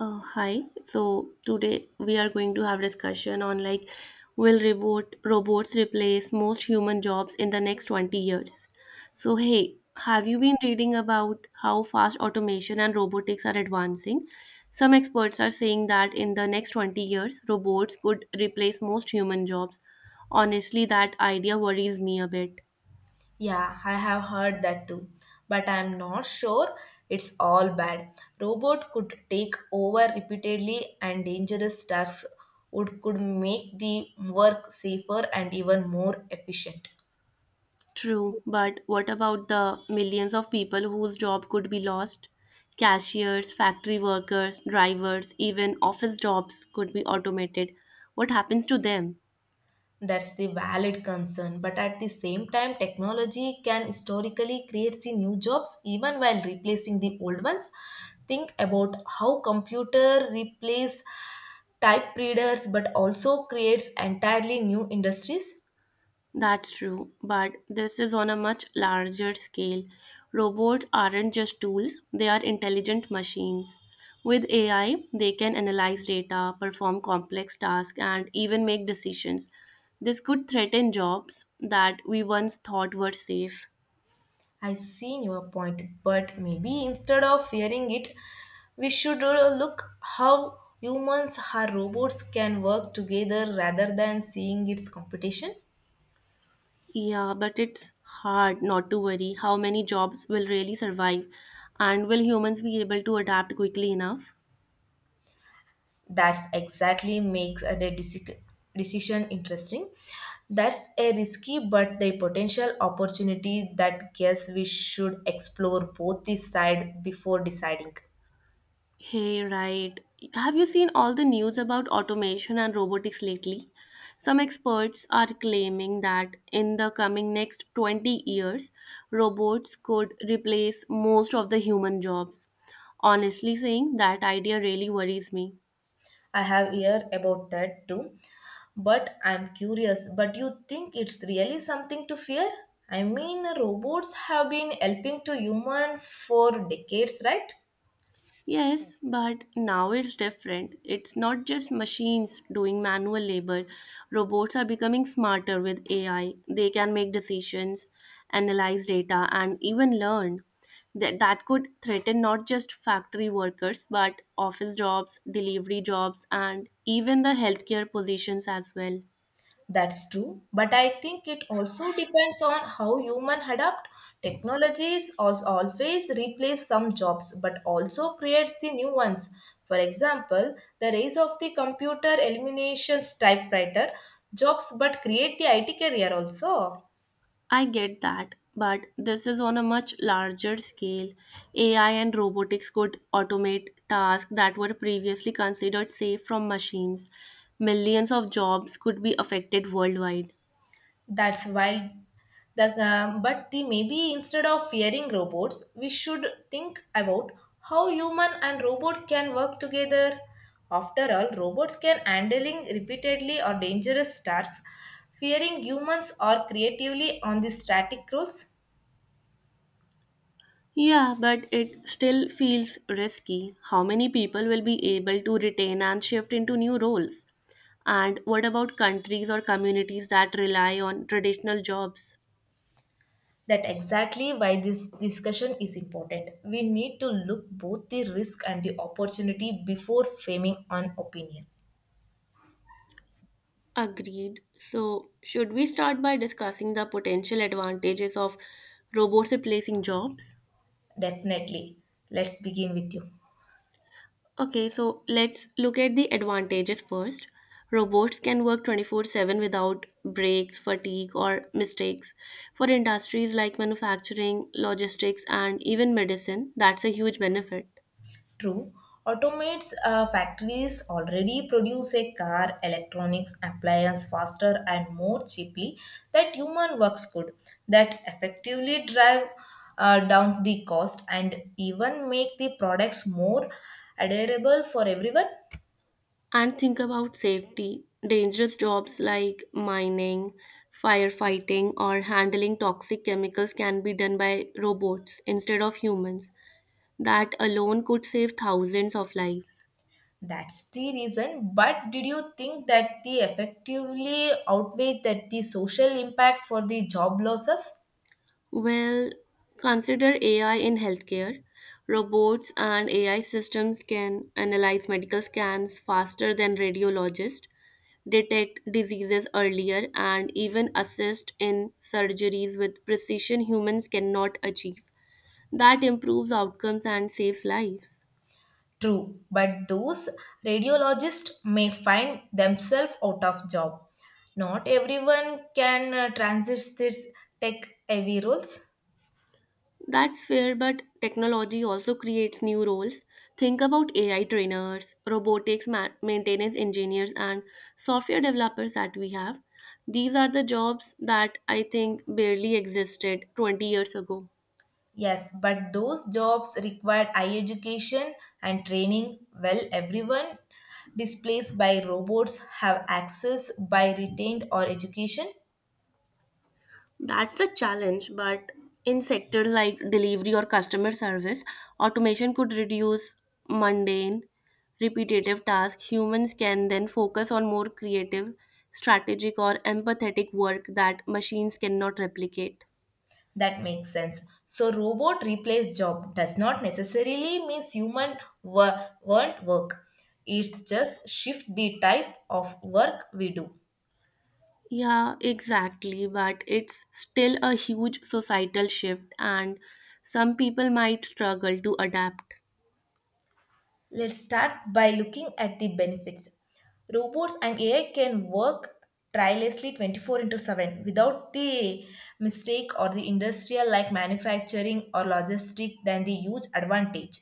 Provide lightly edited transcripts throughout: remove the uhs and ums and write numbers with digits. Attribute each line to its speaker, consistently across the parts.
Speaker 1: Hi. So today we are going to have discussion on like will robots replace most human jobs in the next 20 years. So hey, have you been reading about how fast automation and robotics are advancing? Some experts are saying that in the next 20 years robots could replace most human jobs. Honestly, that idea worries me a bit.
Speaker 2: Yeah, I have heard that too, but I am not sure it's all bad. Robot could take over repeatedly and dangerous tasks would could make the work safer and even more efficient.
Speaker 1: True, but what about the millions of people whose job could be lost? Cashiers, factory workers, drivers, even office jobs could be automated. What happens to them?
Speaker 2: That's the valid concern, but at the same time, technology can historically create the new jobs even while replacing the old ones. Think about how computer replace type readers but also creates entirely new industries.
Speaker 1: That's true, but this is on a much larger scale. Robots aren't just tools, they are intelligent machines. With AI, they can analyze data, perform complex tasks, and even make decisions. This could threaten jobs that we once thought were safe.
Speaker 2: I seen your point, but maybe instead of fearing it, we should look how humans or robots can work together rather than seeing its competition.
Speaker 1: Yeah, but it's hard not to worry how many jobs will really survive, and will humans be able to adapt quickly enough?
Speaker 2: That's exactly makes a decision interesting. That's a risky but the potential opportunity that guess we should explore both the side before deciding.
Speaker 1: Hey, right. Have you seen all the news about automation and robotics lately? Some experts are claiming that in the coming next 20 years, robots could replace most of the human jobs. Honestly saying, that idea really worries me.
Speaker 2: I have heard about that too. But I'm curious, but you think it's really something to fear? I mean, robots have been helping to human for decades, right?
Speaker 1: Yes, but now it's different. It's not just machines doing manual labor. Robots are becoming smarter with AI. They can make decisions, analyze data, and even learn. That could threaten not just factory workers, but office jobs, delivery jobs, and even the healthcare positions as well.
Speaker 2: That's true, but I think it also depends on how human adapt. Technologies also always replace some jobs, but also creates the new ones. For example, the rise of the computer eliminations typewriter jobs, but create the IT career also.
Speaker 1: I get that, but this is on a much larger scale. AI and robotics could automate tasks that were previously considered safe from machines. Millions of jobs could be affected worldwide.
Speaker 2: That's wild. The, but the maybe instead of fearing robots, we should think about how human and robot can work together. After all, robots can handling repeatedly or dangerous tasks. Fearing humans are creatively on the static rules.
Speaker 1: Yeah, but it still feels risky. How many people will be able to retain and shift into new roles? And what about countries or communities that rely on traditional jobs?
Speaker 2: That exactly why this discussion is important. We need to look both the risk and the opportunity before framing an opinion.
Speaker 1: Agreed. So, should we start by discussing the potential advantages of robots replacing jobs?
Speaker 2: Definitely. Let's begin with you.
Speaker 1: Okay, so let's look at the advantages first. Robots can work 24/7 without breaks, fatigue, or mistakes. For industries like manufacturing, logistics, and even medicine, that's a huge benefit.
Speaker 2: True, automates factories already produce a car, electronics, appliance faster and more cheaply that human works could, that effectively drive down the cost and even make the products more adorable for everyone.
Speaker 1: And think about safety. Dangerous jobs like mining, firefighting, or handling toxic chemicals can be done by robots instead of humans. That alone could save thousands of lives.
Speaker 2: That's the reason. But did you think that the effectively outweighs that the social impact for the job losses?
Speaker 1: Well, consider AI in healthcare. Robots and AI systems can analyze medical scans faster than radiologists, detect diseases earlier, and even assist in surgeries with precision humans cannot achieve. That improves outcomes and saves lives.
Speaker 2: True, but those radiologists may find themselves out of job. Not everyone can transit these tech heavy roles.
Speaker 1: That's fair, but technology also creates new roles. Think about AI trainers, robotics maintenance engineers, and software developers that we have. These are the jobs that I think barely existed 20 years ago.
Speaker 2: Yes, but those jobs require high education and training. Well, everyone displaced by robots have access by retained or education.
Speaker 1: That's the challenge, but in sectors like delivery or customer service, automation could reduce mundane, repetitive tasks. Humans can then focus on more creative, strategic, or empathetic work that machines cannot replicate.
Speaker 2: That makes sense. So, robot replace job does not necessarily means human won't work. It's just shift the type of work we do.
Speaker 1: Yeah, exactly, but it's still a huge societal shift, and some people might struggle to adapt.
Speaker 2: Let's start by looking at the benefits. Robots and AI can work tirelessly 24 into 7 without the mistake or the industrial like manufacturing or logistic than the huge advantage.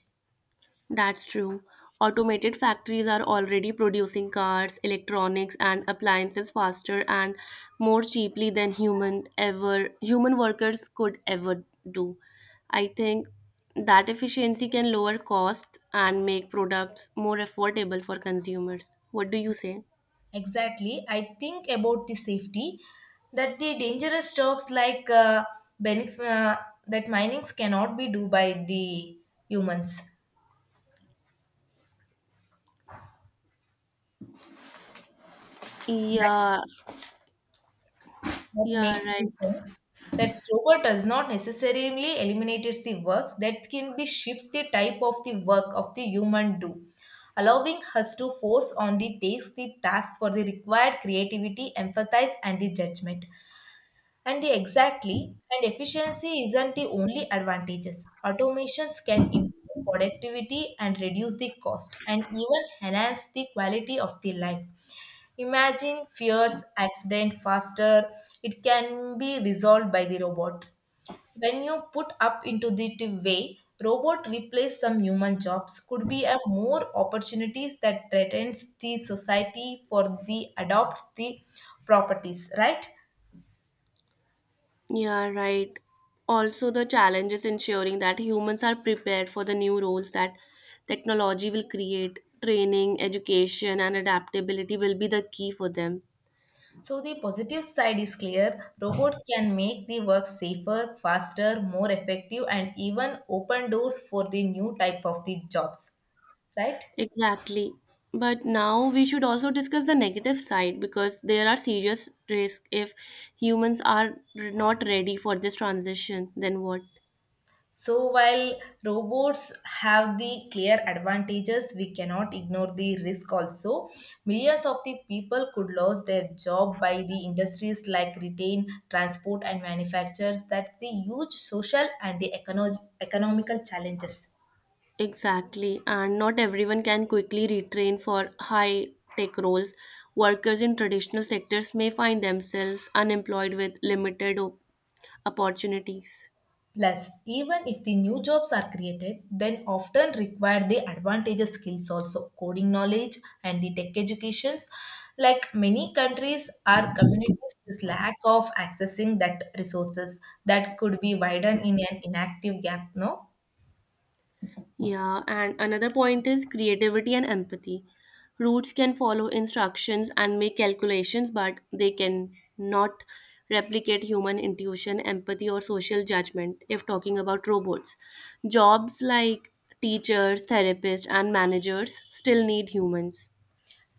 Speaker 1: That's true. Automated factories are already producing cars, electronics, and appliances faster and more cheaply than human workers could ever do. I think that efficiency can lower costs and make products more affordable for consumers. What do you say?
Speaker 2: Exactly. I think about the safety that the dangerous jobs like benef- uh, that minings cannot be do by the humans. That's,
Speaker 1: Yeah,
Speaker 2: that
Speaker 1: yeah,
Speaker 2: makes me
Speaker 1: right.
Speaker 2: think that robot does not necessarily eliminates the works that can be shift the type of the work of the human do, allowing us to force on the takes the task for the required creativity, empathize, and the judgment. And the exactly, and efficiency isn't the only advantages. Automations can improve productivity and reduce the cost and even enhance the quality of the life. Imagine fears, accident faster, it can be resolved by the robots. When you put up into the way, robot replace some human jobs could be a more opportunities that threatens the society for the adopts the properties, right?
Speaker 1: Yeah, right. Also, the challenge is ensuring that humans are prepared for the new roles that technology will create. Training, education, and adaptability will be the key for them.
Speaker 2: So the positive side is clear. Robot can make the work safer, faster, more effective, and even open doors for the new type of the jobs. Right?
Speaker 1: Exactly. But now we should also discuss the negative side because there are serious risks if humans are not ready for this transition. Then what?
Speaker 2: So while robots have the clear advantages, we cannot ignore the risk also. Millions of the people could lose their job by the industries like retail, transport, and manufacturers. That's the huge social and the economical challenges.
Speaker 1: Exactly, and not everyone can quickly retrain for high tech roles. Workers in traditional sectors may find themselves unemployed with limited opportunities.
Speaker 2: Plus, even if the new jobs are created, then often require the advantageous skills also, coding knowledge and the tech educations. Like many countries or communities, this lack of accessing that resources that could be widened in an inactive gap, no?
Speaker 1: Yeah, and another point is creativity and empathy. Roots can follow instructions and make calculations, but they can not replicate human intuition, empathy, or social judgment if talking about robots. Jobs like teachers, therapists, and managers still need humans.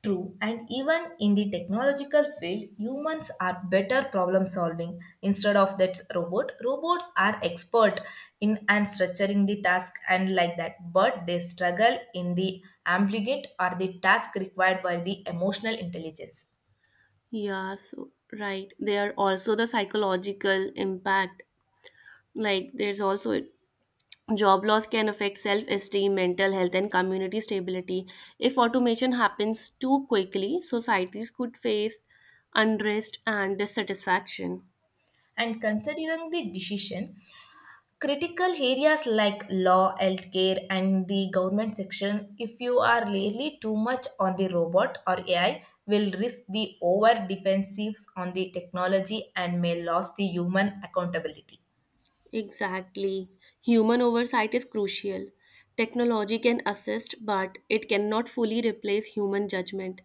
Speaker 2: True, and even in the technological field, humans are better problem solving. Instead of that robots are expert in and structuring the task and like that, but they struggle in the ambiguous or the task required by the emotional intelligence.
Speaker 1: Yeah, so right. There are also the psychological impact. Like there's also job loss can affect self-esteem, mental health, and community stability. If automation happens too quickly, societies could face unrest and dissatisfaction.
Speaker 2: And considering the decision, critical areas like law, healthcare, and the government section, if you are really too much on the robot or AI, will risk the over defensives on the technology and may lose the human accountability.
Speaker 1: Exactly. Human oversight is crucial. Technology can assist, but it cannot fully replace human judgment,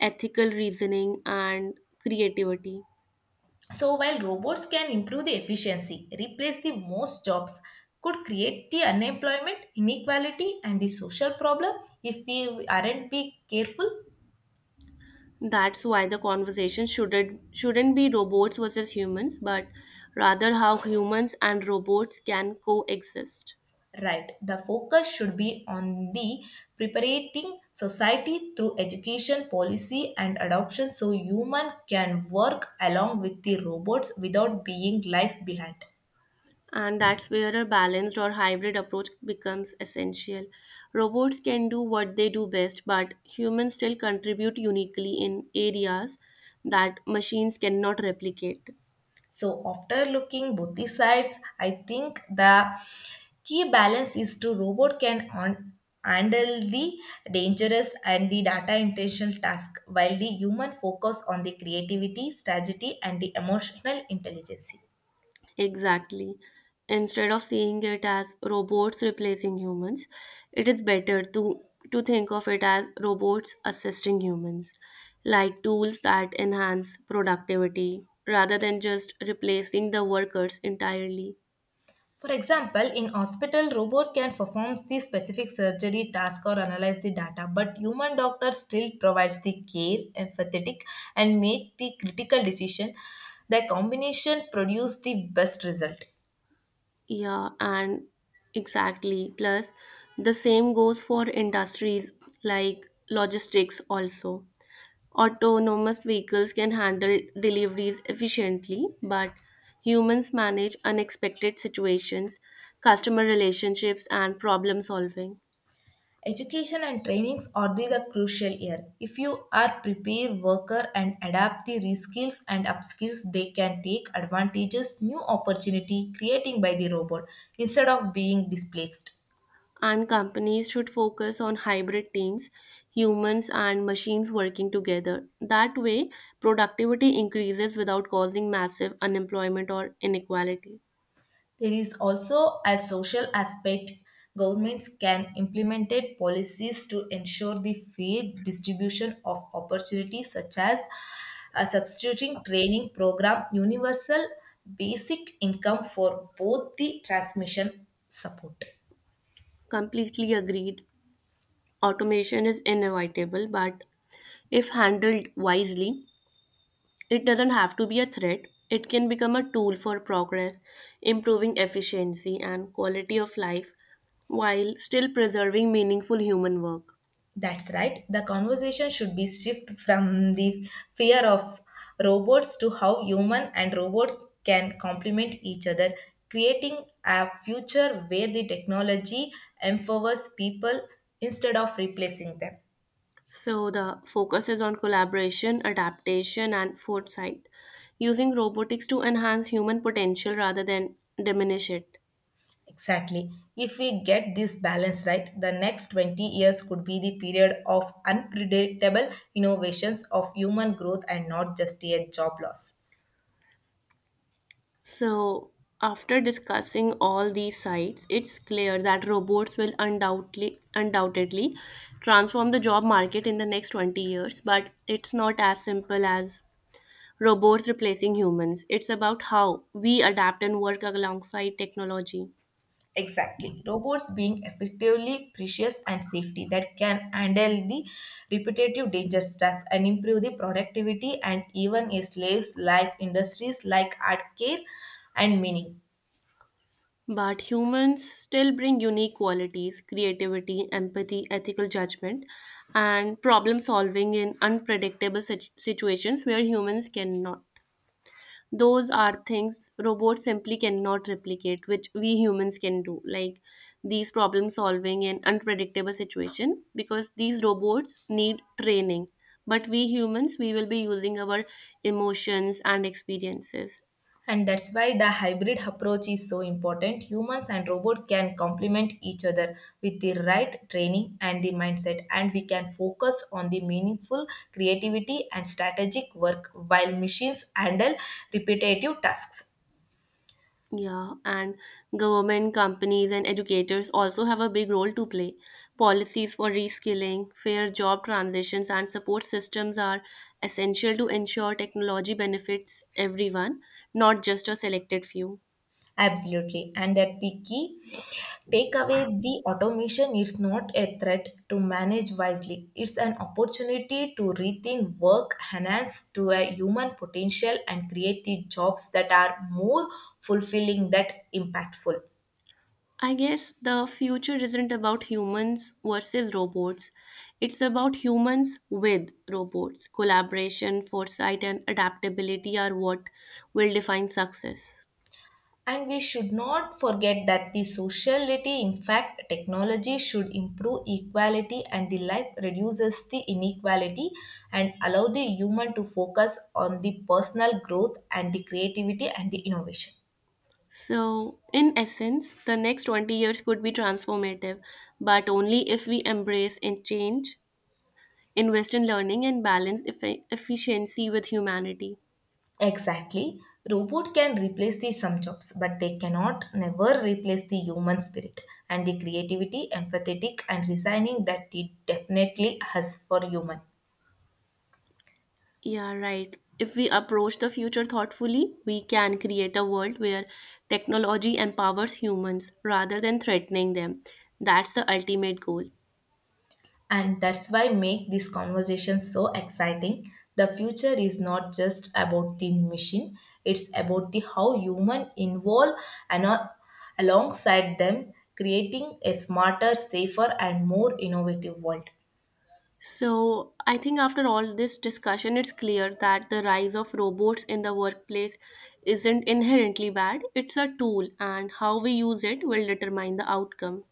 Speaker 1: ethical reasoning, and creativity.
Speaker 2: So while robots can improve the efficiency, replace the most jobs, could create the unemployment, inequality, and the social problem if we aren't be careful.
Speaker 1: That's why the conversation shouldn't be robots versus humans, but rather how humans and robots can coexist.
Speaker 2: Right. The focus should be on the preparing society through education, policy, and adoption so human can work along with the robots without being left behind.
Speaker 1: And that's where a balanced or hybrid approach becomes essential. Robots can do what they do best, but humans still contribute uniquely in areas that machines cannot replicate.
Speaker 2: So after looking both the sides, I think the key balance is to robot can on handle the dangerous and the data intentional task while the human focus on the creativity strategy and the emotional intelligence.
Speaker 1: Exactly. Instead of seeing it as robots replacing humans, it is better to think of it as robots assisting humans, like tools that enhance productivity rather than just replacing the workers entirely.
Speaker 2: For example, in hospital, robot can perform the specific surgery task or analyze the data, but human doctor still provides the care, empathetic, and make the critical decision. The combination produce the best result.
Speaker 1: Yeah, and exactly. Plus, the same goes for industries like logistics also. Autonomous vehicles can handle deliveries efficiently, but humans manage unexpected situations, customer relationships, and problem solving.
Speaker 2: Education and trainings are the crucial here. If you are prepared worker and adapt the reskills and upskills, they can take advantages, new opportunity creating by the robot instead of being displaced.
Speaker 1: And companies should focus on hybrid teams, humans and machines working together. That way, productivity increases without causing massive unemployment or inequality.
Speaker 2: There is also a social aspect. Governments can implement policies to ensure the fair distribution of opportunities, such as a substituting training program, universal basic income for both the transmission support.
Speaker 1: Completely agreed. Automation is inevitable, but if handled wisely, it doesn't have to be a threat. It can become a tool for progress, improving efficiency and quality of life while still preserving meaningful human work.
Speaker 2: That's right. The conversation should be shifted from the fear of robots to how human and robot can complement each other, creating a future where the technology empowers people instead of replacing them.
Speaker 1: So, the focus is on collaboration, adaptation, and foresight, using robotics to enhance human potential rather than diminish it.
Speaker 2: Exactly. If we get this balance right, the next 20 years could be the period of unpredictable innovations of human growth and not just a job loss.
Speaker 1: So, after discussing all these sides, it's clear that robots will undoubtedly transform the job market in the next 20 years, but it's not as simple as robots replacing humans. It's about how we adapt and work alongside technology.
Speaker 2: Exactly. Robots being effectively precious and safety that can handle the repetitive danger stacks and improve the productivity and even a slaves like industries like art care and meaning.
Speaker 1: But humans still bring unique qualities, creativity, empathy, ethical judgment, and problem solving in unpredictable situations where humans cannot. Those are things robots simply cannot replicate, which we humans can do, like these problem solving and unpredictable situation, because these robots need training, but we humans we will be using our emotions and experiences.
Speaker 2: And that's why the hybrid approach is so important. Humans and robot can complement each other with the right training and the mindset, and we can focus on the meaningful creativity and strategic work while machines handle repetitive tasks.
Speaker 1: Yeah, and government, companies, and educators also have a big role to play. Policies for reskilling, fair job transitions, and support systems are essential to ensure technology benefits everyone, not just a selected few.
Speaker 2: Absolutely. And that the key takeaway the automation is not a threat to manage wisely. It's an opportunity to rethink work, enhance to a human potential, and create the jobs that are more fulfilling, that impactful.
Speaker 1: I guess the future isn't about humans versus robots. It's about humans with robots. Collaboration, foresight, and adaptability are what will define success.
Speaker 2: And we should not forget that the sociality, in fact, technology should improve equality and the life reduces the inequality and allow the human to focus on the personal growth and the creativity and the innovation.
Speaker 1: So, in essence, the next 20 years could be transformative, but only if we embrace and change, invest in learning, and balance efficiency with humanity.
Speaker 2: Exactly. Robot can replace the some jobs, but they cannot never replace the human spirit and the creativity, empathetic and resigning that it definitely has for human.
Speaker 1: Yeah, right. If we approach the future thoughtfully, we can create a world where technology empowers humans rather than threatening them. That's the ultimate goal.
Speaker 2: And that's why make these conversations so exciting. The future is not just about the machine. It's about the how human involve and alongside them creating a smarter, safer, and more innovative world.
Speaker 1: So, I think after all this discussion, it's clear that the rise of robots in the workplace isn't inherently bad. It's a tool, and how we use it will determine the outcome.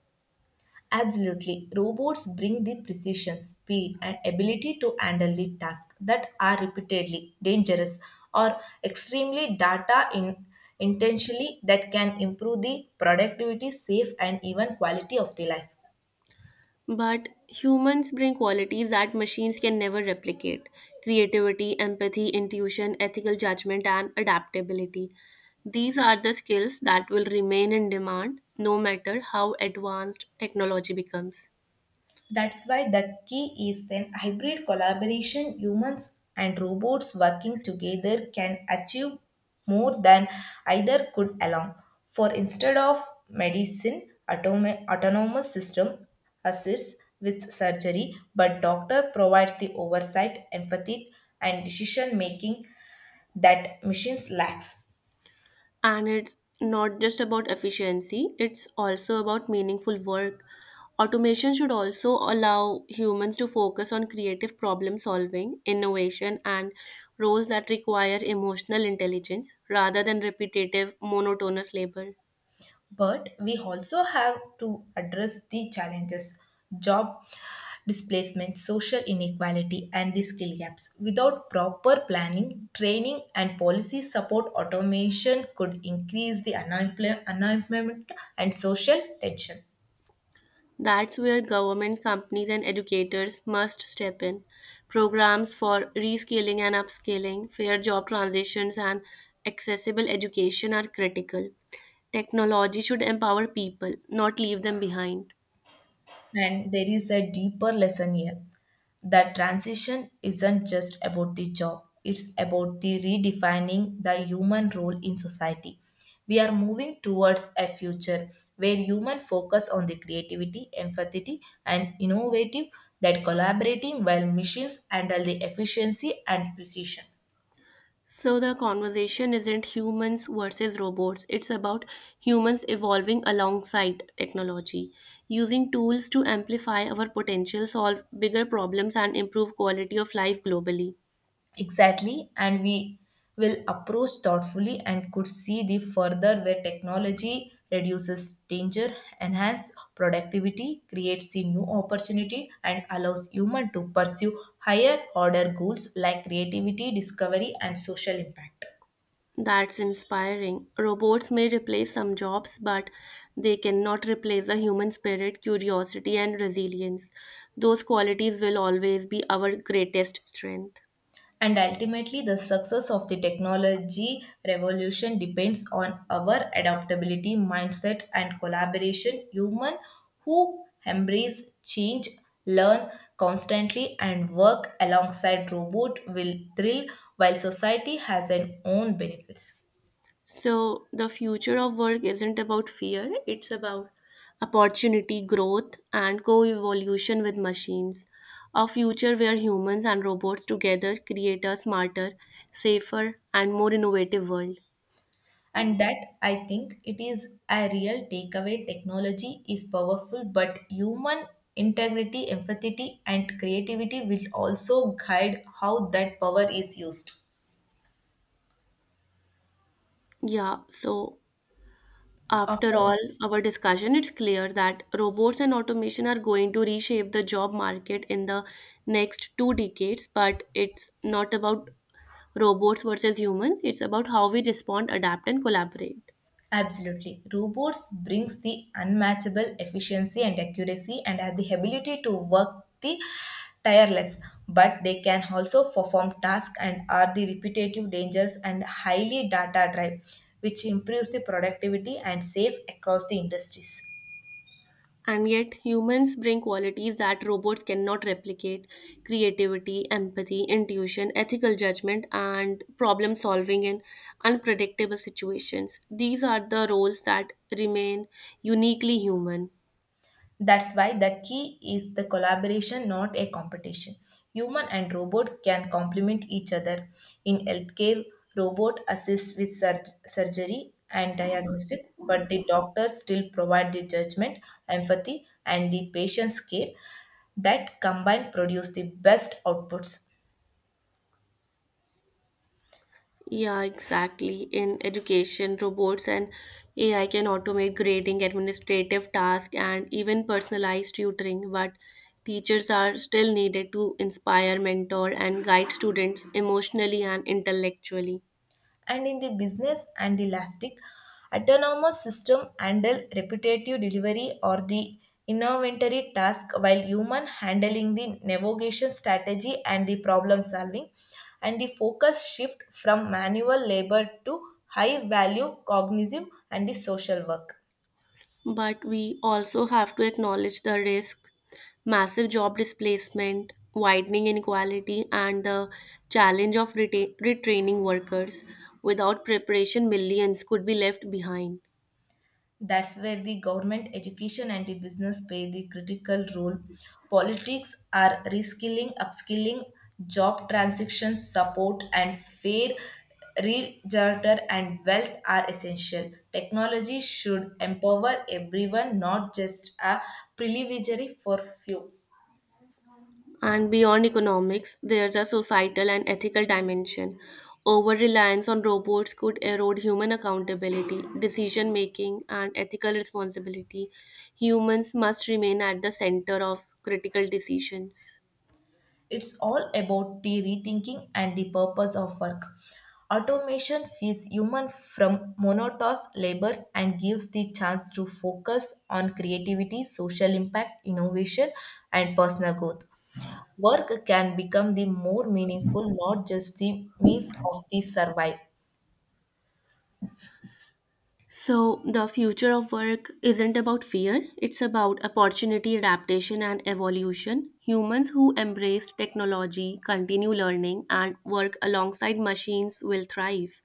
Speaker 2: Absolutely. Robots bring the precision, speed, and ability to handle the tasks that are repeatedly dangerous or extremely data in intentionally that can improve the productivity, safe, and even quality of the life.
Speaker 1: But humans bring qualities that machines can never replicate: creativity, empathy, intuition, ethical judgment, and adaptability. These are the skills that will remain in demand no matter how advanced technology becomes.
Speaker 2: That's why the key is then hybrid collaboration, humans and robots working together can achieve more than either could alone. For instead of medicine, autonomous system assists with surgery, but doctor provides the oversight, empathy, and decision making that machines lacks.
Speaker 1: And it's not just about efficiency, it's also about meaningful work. Automation should also allow humans to focus on creative problem solving, innovation, and roles that require emotional intelligence rather than repetitive, monotonous labor.
Speaker 2: But we also have to address the challenges job displacement, social inequality, and the skill gaps. Without proper planning, training, and policy support, automation could increase the unemployment and social tension.
Speaker 1: That's where government, companies, and educators must step in. Programs for reskilling and upskilling, fair job transitions, and accessible education are critical. Technology should empower people, not leave them behind.
Speaker 2: And there is a deeper lesson here. That transition isn't just about the job, it's about the redefining the human role in society. We are moving towards a future where human focus on the creativity, empathy, and innovative that collaborating while machines handle the efficiency and precision.
Speaker 1: So, the conversation isn't humans versus robots, it's about humans evolving alongside technology, using tools to amplify our potential, solve bigger problems, and improve quality of life globally.
Speaker 2: Exactly, and we will approach thoughtfully and could see the further where technology reduces danger, enhance productivity, creates a new opportunity, and allows human to pursue higher order goals like creativity, discovery, and social impact.
Speaker 1: That's inspiring. Robots may replace some jobs, but they cannot replace the human spirit, curiosity, and resilience. Those qualities will always be our greatest strength.
Speaker 2: And ultimately, the success of the technology revolution depends on our adaptability, mindset, and collaboration. Humans who embrace change, learn constantly, and work alongside robot will thrill while society has an own benefits.
Speaker 1: So, the future of work isn't about fear, it's about opportunity, growth, and co evolution with machines. A future where humans and robots together create a smarter, safer, and more innovative world.
Speaker 2: And that, I think it is a real takeaway. Technology is powerful, but human integrity, empathy, and creativity will also guide how that power is used.
Speaker 1: Yeah, so after
Speaker 2: After.
Speaker 1: all our discussion, it's clear that robots and automation are going to reshape the job market in the next two decades, but it's not about robots versus humans, it's about how we respond, adapt, and collaborate.
Speaker 2: Absolutely. Robots brings the unmatchable efficiency and accuracy and have the ability to work the tireless, but they can also perform tasks and are the repetitive dangerous, and highly data drive, which improves the productivity and safe across the industries.
Speaker 1: And yet, humans bring qualities that robots cannot replicate: creativity, empathy, intuition, ethical judgment, and problem solving in unpredictable situations. These are the roles that remain uniquely human.
Speaker 2: That's why the key is the collaboration, not a competition. Human and robot can complement each other. In healthcare, robot assists with surgery and diagnostic, but the doctors still provide the judgment, empathy, and the patient's care that combined produce the best outputs.
Speaker 1: Yeah, exactly. In education, robots and AI can automate grading, administrative tasks, and even personalized tutoring, but teachers are still needed to inspire, mentor, and guide students emotionally and intellectually.
Speaker 2: And in the business and the elastic autonomous system handle repetitive delivery or the inventory task while human handling the navigation strategy and the problem solving and the focus shift from manual labor to high value cognitive and the social work.
Speaker 1: But we also have to acknowledge the risk, massive job displacement, widening inequality, and the challenge of retraining workers. Without preparation, millions could be left behind.
Speaker 2: That's where the government, education, and the business play the critical role. Politics are reskilling, upskilling, job transition support, and fair register and wealth are essential. Technology should empower everyone, not just a privileged for few.
Speaker 1: And beyond economics, there's a societal and ethical dimension. Over reliance on robots could erode human accountability, decision making, and ethical responsibility. Humans must remain at the center of critical decisions.
Speaker 2: It's all about the rethinking and the purpose of work. Automation frees human from monotonous labors and gives the chance to focus on creativity, social impact, innovation, and personal growth. Work can become the more meaningful, not just the means of the survive.
Speaker 1: So, the future of work isn't about fear, it's about opportunity, adaptation, and evolution. Humans who embrace technology, continue learning, and work alongside machines will thrive.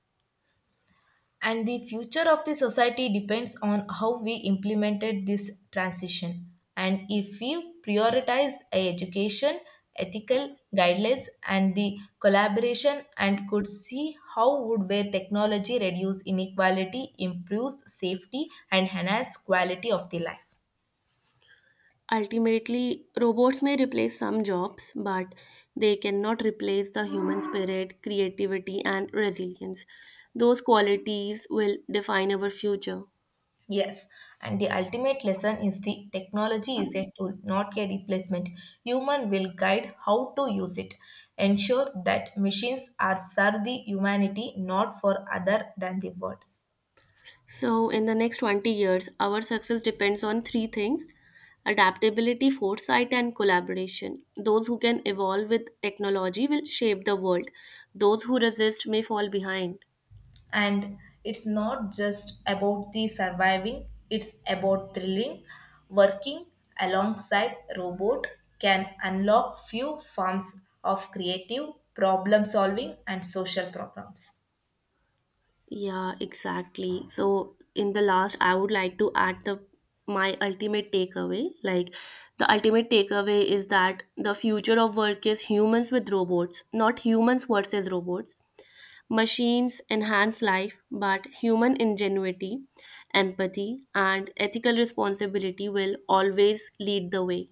Speaker 2: And the future of the society depends on how we implemented this transition and if we prioritize education, ethical guidelines, and the collaboration and could see how would where technology reduce inequality, improves safety, and enhance quality of the life.
Speaker 1: Ultimately, robots may replace some jobs, but they cannot replace the human spirit, creativity, and resilience. Those qualities will define our future.
Speaker 2: Yes, and the ultimate lesson is the technology is a tool, not a replacement. Human will guide how to use it. Ensure that machines are serve the humanity, not for other than the world.
Speaker 1: So, in the next 20 years, our success depends on three things: adaptability, foresight, and collaboration. Those who can evolve with technology will shape the world, those who resist may fall behind.
Speaker 2: And it's not just about the surviving, it's about thrilling. Working alongside robot can unlock few forms of creative problem solving and social problems.
Speaker 1: Yeah, exactly. So in the last, I would like to add the my ultimate takeaway. Like the ultimate takeaway is that the future of work is humans with robots, not humans versus robots. Machines enhance life, but human ingenuity, empathy, and ethical responsibility will always lead the way.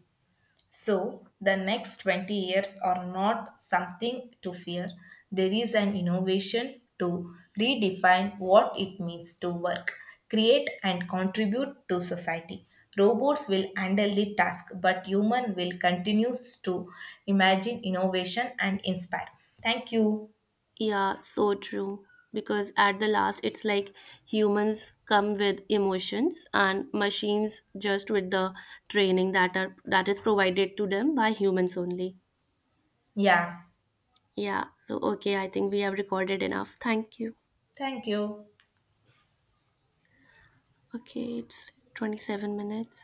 Speaker 2: So, the next 20 years are not something to fear. There is an innovation to redefine what it means to work, create, and contribute to society. Robots will handle the task, but human will continues to imagine innovation and inspire. Thank you.
Speaker 1: Yeah, so true. Because at the last, it's like humans come with emotions and machines just with the training that are that is provided to them by humans only.
Speaker 2: Yeah,
Speaker 1: Yeah, so okay, I think we have recorded enough. Thank you.
Speaker 2: thank you.
Speaker 1: Okay, it's 27 minutes.